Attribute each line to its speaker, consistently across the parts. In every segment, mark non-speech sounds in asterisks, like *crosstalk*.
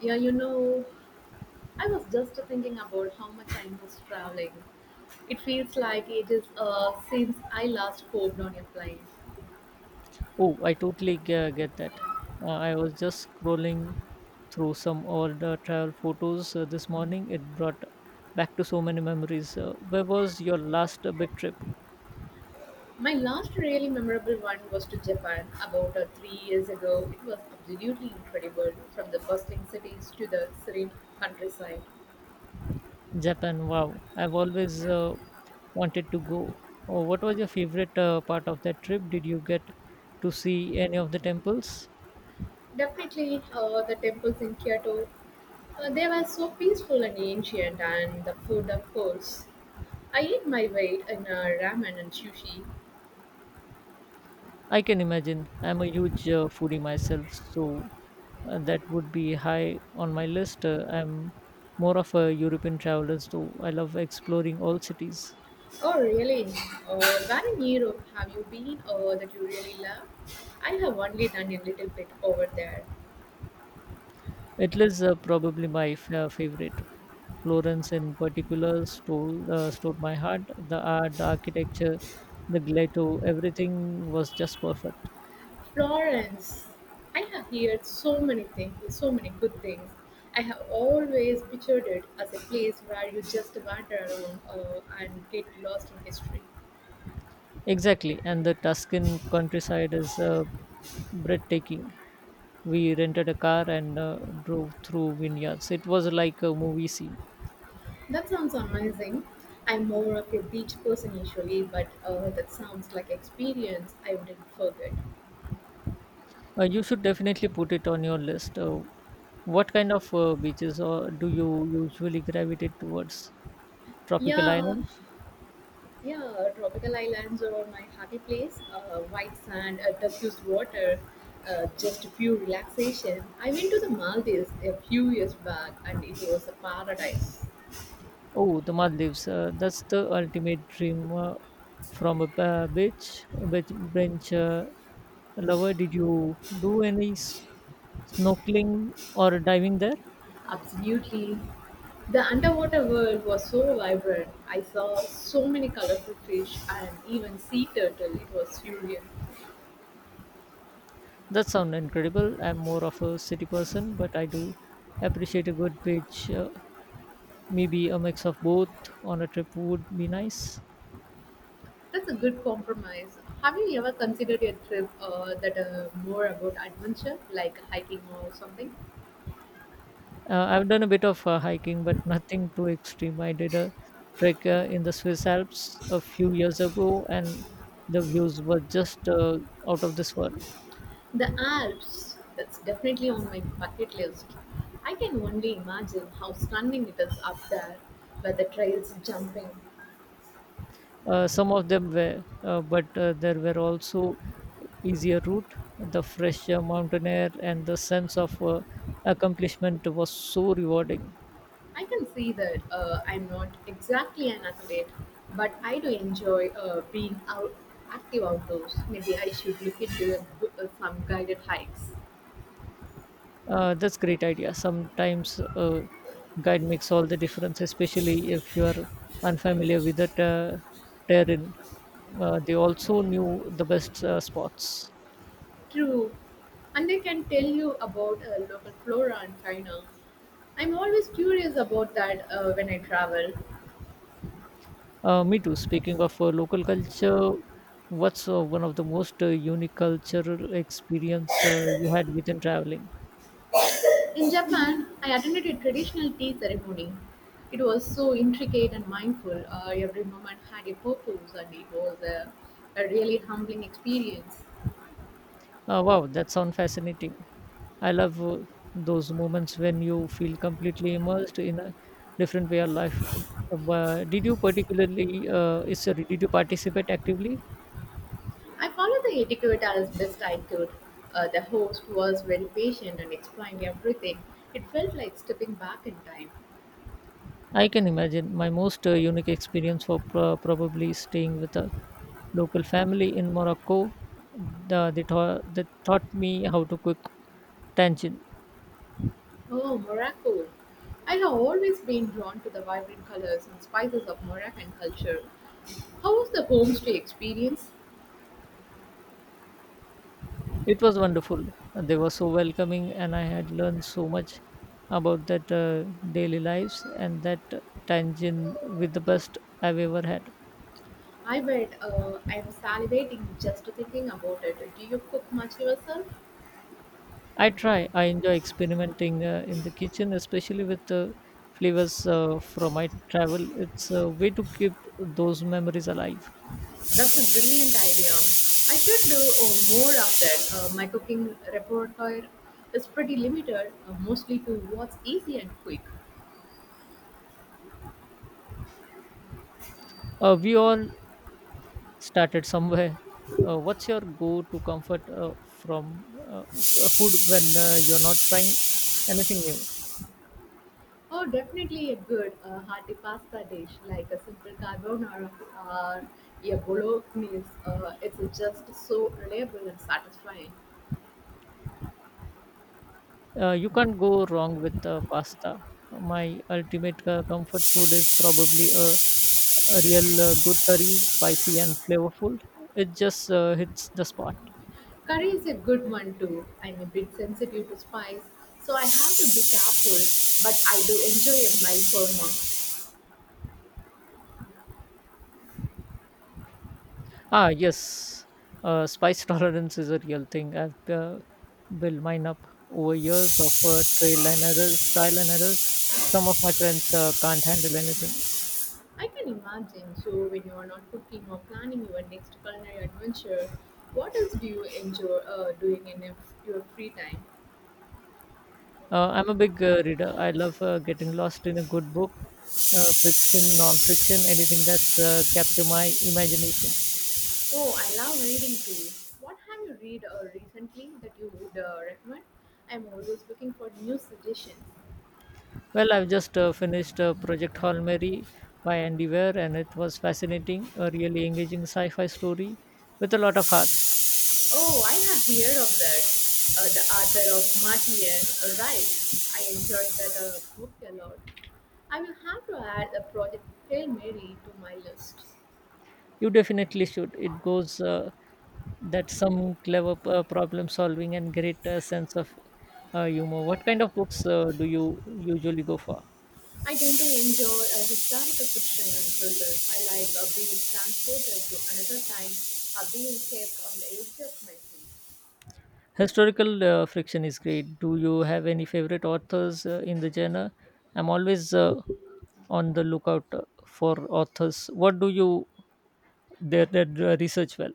Speaker 1: Yeah, you know, I was just thinking about how much I miss traveling. It feels like it is since I last hopped on a plane.
Speaker 2: Oh, I totally get that. I was just scrolling through some old travel photos this morning. It brought back to so many memories. Where was your last big trip?
Speaker 1: My last really memorable one was to Japan about 3 years ago. It was absolutely incredible, from the bustling cities to the serene countryside.
Speaker 2: Japan. Wow. I've always wanted to go. Oh, what was your favorite part of that trip? Did you get to see any of the temples?
Speaker 1: Definitely, the temples in Kyoto, they were so peaceful and ancient, and the food, of course. I ate my weight in ramen and sushi.
Speaker 2: I can imagine. I'm a huge foodie myself, so that would be high on my list. I'm more of a European traveler, so I love exploring all cities.
Speaker 1: Oh, really? Where in Europe have you been that you really love? I have only done a little bit over there.
Speaker 2: Italy's probably my favorite. Florence, in particular, stole my heart. The art, the architecture, the Giotto, everything was just perfect.
Speaker 1: Florence. I have heard so many things, so many good things. I have always pictured it as a place where you just wander around and get lost in history.
Speaker 2: Exactly, and the Tuscan countryside is breathtaking. We rented a car and drove through vineyards. It was like a movie scene.
Speaker 1: That sounds amazing. I'm more of a beach person usually, but that sounds like experience I wouldn't forget.
Speaker 2: You should definitely put it on your list. What kind of beaches or do you usually gravitate towards? Tropical
Speaker 1: Yeah,
Speaker 2: islands?
Speaker 1: Yeah, tropical islands are my happy place. White sand, turquoise water, just a few relaxation. I went to the Maldives a few years back and it was a paradise.
Speaker 2: Oh, the Maldives. That's the ultimate dream from a beach bench lover. Did you do any snorkeling or diving there?
Speaker 1: Absolutely. The underwater world was so vibrant. I saw so many colorful fish and even sea turtle. It was surreal.
Speaker 2: That sounds incredible. I'm more of a city person, but I do appreciate a good beach. Maybe a mix of both on a trip would be nice.
Speaker 1: That's a good compromise. Have you ever considered a trip that more about adventure, like hiking or something?
Speaker 2: I've done a bit of hiking, but *laughs* nothing too extreme. I did a trek in the Swiss Alps a few years ago, and the views were just out of this world.
Speaker 1: The Alps, that's definitely on my bucket list. I can only imagine how stunning it is up there, where the trails jumping.
Speaker 2: Some of them were, but there were also easier route. The fresh mountain air and the sense of accomplishment was so rewarding.
Speaker 1: I can see that. I'm not exactly an athlete, but I do enjoy being out active outdoors. Maybe I should look into some guided hikes.
Speaker 2: That's great idea. Sometimes guide makes all the difference, especially if you are unfamiliar with the terrain. They also knew the best spots.
Speaker 1: True, and I can tell you about local flora and fauna. I'm always curious about that when I travel.
Speaker 2: Me too. Speaking of local culture, what's one of the most unique cultural experience you had within traveling?
Speaker 1: In Japan, I attended a traditional tea ceremony. It was so intricate and mindful. Every moment had a purpose, and it was a really humbling experience.
Speaker 2: Wow, that sounds fascinating. I love those moments when you feel completely immersed in a different way of life. Did you particularly is sorry, did you participate actively?
Speaker 1: I followed the etiquette as best I could. The host was very patient and explained everything. It felt like stepping back in time.
Speaker 2: I can imagine my most unique experience was probably staying with a local family in Morocco. They taught me how to cook tangine.
Speaker 1: Oh, Morocco! I have always been drawn to the vibrant colors and spices of Moroccan culture. How was the homestay experience?
Speaker 2: It was wonderful. They were so welcoming, and I had learned so much about that daily lives and that tangine with the best I've ever had.
Speaker 1: I bet. I'm salivating just thinking about it. Do you cook much yourself?
Speaker 2: I try. I enjoy experimenting in the kitchen, especially with flavors from my travel. It's a way to keep those memories alive.
Speaker 1: That's a brilliant idea. I should do more of that. My cooking repertoire is pretty limited, mostly to what's easy and quick.
Speaker 2: We all started somewhere. What's your go-to comfort food when you're not trying anything new?
Speaker 1: Oh, definitely a good hearty pasta dish like a simple carbonara or a bolognese. It's just so reliable and satisfying.
Speaker 2: You can't go wrong with pasta. My ultimate comfort food is probably a real good curry, spicy and flavorful. It just hits the spot.
Speaker 1: Curry is a good one too. I'm a bit sensitive to spice, so I have to be careful, but I do enjoy a mild korma.
Speaker 2: Ah, yes. Spice *laughs* tolerance is a real thing. I've built mine up over years of trial and errors. Trial and errors. Some of my friends can't handle anything.
Speaker 1: I can imagine. So, when you are not cooking or planning your next culinary adventure, what else do you enjoy doing in your free time?
Speaker 2: I'm a big reader. I love getting lost in a good book, fiction, non-fiction, anything that's capture my imagination.
Speaker 1: Oh, I love reading too. What have you read recently that you would recommend? I'm always looking for new suggestions.
Speaker 2: Well, I've just finished Project Hail Mary by Andy Weir, and it was fascinating, a really engaging sci-fi story with a lot of heart.
Speaker 1: Oh, I have heard of that. The author of Martian, right? I enjoyed that book a lot. I will have to add a project Hail Mary to my list.
Speaker 2: You definitely should. It goes. That's some clever problem solving and great sense of humor. What kind of books do you usually go for?
Speaker 1: I tend to enjoy historical fiction and thrillers. I like being transported to another time, being kept on the edge of my seat.
Speaker 2: Historical friction is great. Do you have any favorite authors in the genre? I'm always on the lookout for authors. What do you their research well?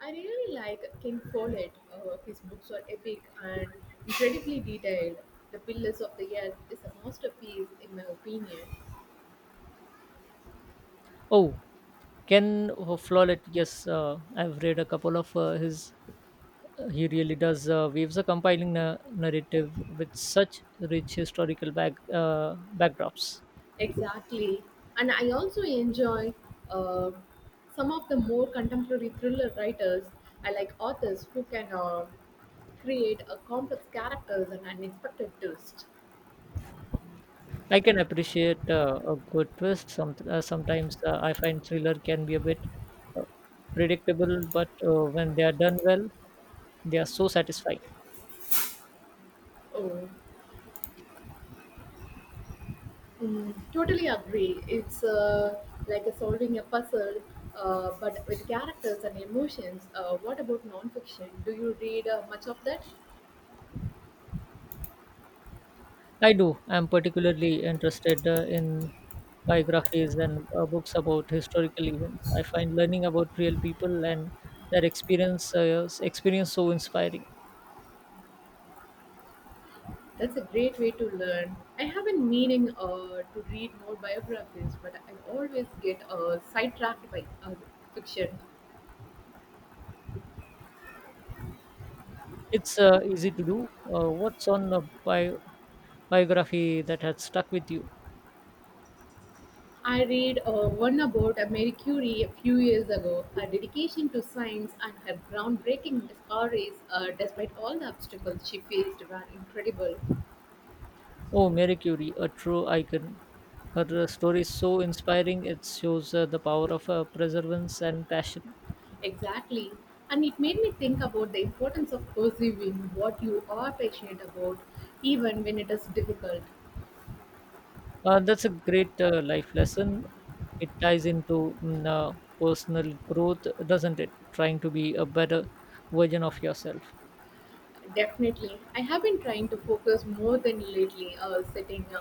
Speaker 1: I really like King Follett. His books are epic and incredibly detailed. The Pillars of the Earth is a masterpiece, in my opinion.
Speaker 2: Oh, Ken Follett. Yes, I've read a couple of his He really does waves a compiling narrative with such rich historical backdrops.
Speaker 1: Exactly. And I also enjoy uh, some of the more contemporary thriller writers. I like authors who can create a complex characters and unexpected twist.
Speaker 2: I can appreciate a good twist. Sometimes I find thriller can be a bit uh, predictable, but when they are done well, they are so satisfying.
Speaker 1: Oh, mm, totally agree. It's like a solving a puzzle, but with characters and emotions. What about nonfiction? Do you read much of that?
Speaker 2: I do. I'm particularly interested in biographies and books about historical events. I find learning about real people and their experience so inspiring.
Speaker 1: That's a great way to learn. I have been meaning to read more biographies, but I always get sidetracked by fiction.
Speaker 2: It's easy to do. What's on a biography that has stuck with you?
Speaker 1: I read one about Marie Curie a few years ago. Her dedication to science and her groundbreaking discoveries, despite all the obstacles she faced, were incredible.
Speaker 2: Oh, Mary Curie, a true icon. Her story is so inspiring. It shows the power of perseverance and passion.
Speaker 1: Exactly. And it made me think about the importance of pursuing what you are passionate about, even when it is difficult.
Speaker 2: That's a great life lesson. It ties into personal growth, doesn't it? Trying to be a better version of yourself.
Speaker 1: Definitely. I have been trying to focus more than lately, setting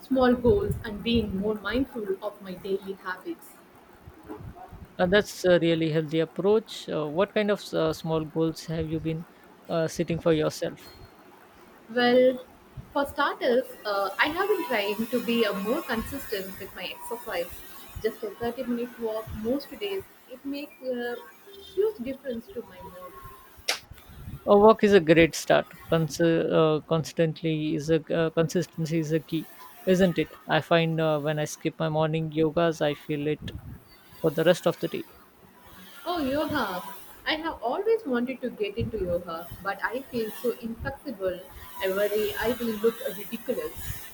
Speaker 1: small goals and being more mindful of my daily habits.
Speaker 2: That's a really healthy approach. What kind of small goals have you been setting for yourself?
Speaker 1: Well, for starters, I have been trying to be more consistent with my exercise. Just a 30-minute minute walk most days, it makes a huge difference to my mood.
Speaker 2: A walk is a great start. Cons- constantly is a Consistency is a key, isn't it? I find when I skip my morning yogas, I feel it for the rest of the day.
Speaker 1: Oh, yoga. I have always wanted to get into yoga, but I feel so inflexible. I worry I will look ridiculous.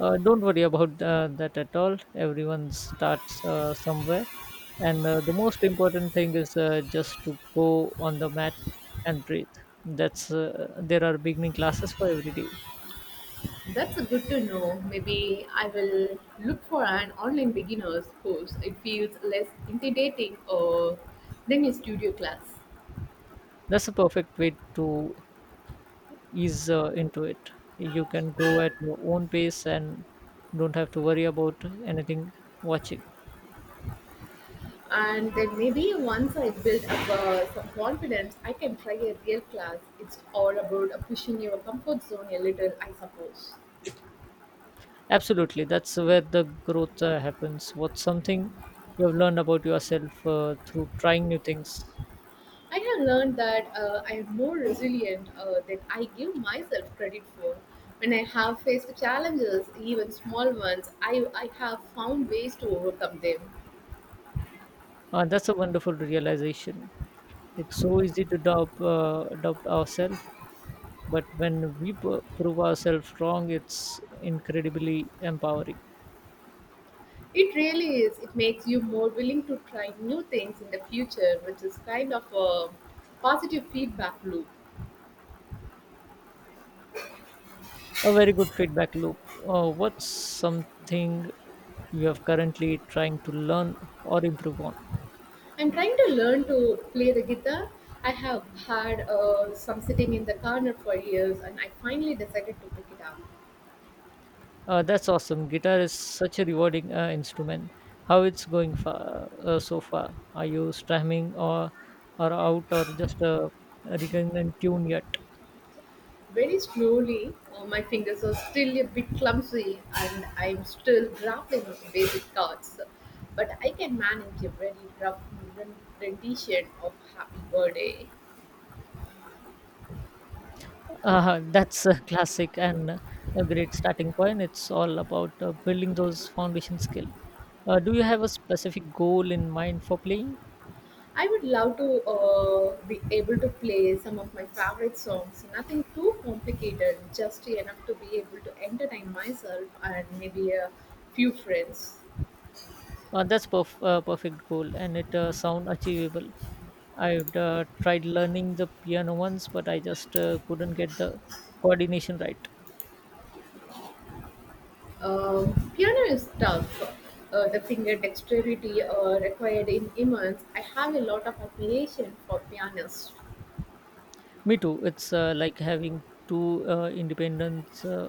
Speaker 2: Don't worry about that at all. Everyone starts somewhere, and the most important thing is just to go on the mat and breathe. That's there are beginning classes for every day.
Speaker 1: That's a good to know. Maybe I will look for an online beginner's course. It feels less intimidating than a studio class.
Speaker 2: That's a perfect way to ease into it. You can go at your own pace and don't have to worry about anything watching.
Speaker 1: And then maybe once I build up some confidence, I can try a real class. It's all about pushing your comfort zone a little, I suppose.
Speaker 2: Absolutely, that's where the growth happens. What's something you have learned about yourself through trying new things?
Speaker 1: I have learned that I am more resilient than I give myself credit for. When I have faced challenges, even small ones, I have found ways to overcome them.
Speaker 2: That's a wonderful realization. It's so easy to doubt ourselves, but when we prove ourselves wrong, it's incredibly empowering.
Speaker 1: It really is. It makes you more willing to try new things in the future, which is kind of a positive feedback loop.
Speaker 2: A very good feedback loop. What's something you have currently trying to learn or improve on?
Speaker 1: I'm trying to learn to play the guitar. I have had some sitting in the corner for years, and I finally decided to pick it up.
Speaker 2: That's awesome. Guitar is such a rewarding instrument. How it's going so far? Are you strumming or out or just a recurrent tune yet?
Speaker 1: Very slowly, my fingers are still a bit clumsy, and I'm still grappling with basic chords. But I can manage a very rough rendition of Happy Birthday.
Speaker 2: *laughs* That's a classic and a great starting point. It's all about building those foundation skill. Do you have a specific goal in mind for playing?
Speaker 1: I would love to be able to play some of my favorite songs, nothing too complicated, just enough to be able to entertain myself and maybe a few friends.
Speaker 2: That's perfect goal and it sound achievable. I've tried learning the piano once, but I just couldn't get the coordination right.
Speaker 1: Piano is tough. The finger dexterity required in immense. I have a lot of admiration for pianists.
Speaker 2: Me too. It's like having two independent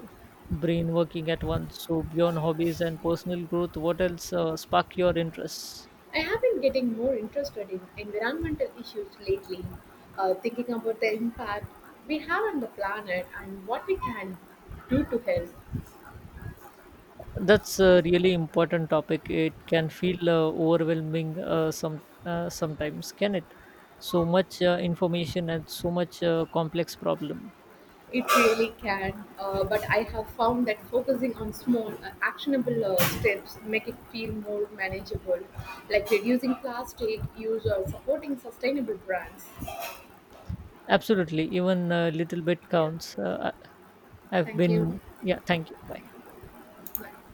Speaker 2: brain working at once. So beyond hobbies and personal growth, what else spark your interests?
Speaker 1: I have been getting more interested in environmental issues lately, thinking about the impact we have on the planet and what we can do to help.
Speaker 2: That's a really important topic. It can feel overwhelming sometimes, can it? So much information and so much complex problem.
Speaker 1: It really can, but I have found that focusing on small, actionable steps make it feel more manageable, like reducing plastic use or supporting sustainable brands.
Speaker 2: Absolutely, even a little bit
Speaker 1: Yeah,
Speaker 2: counts. I've
Speaker 1: thank you.
Speaker 2: been yeah, thank you. Bye.
Speaker 1: Bye.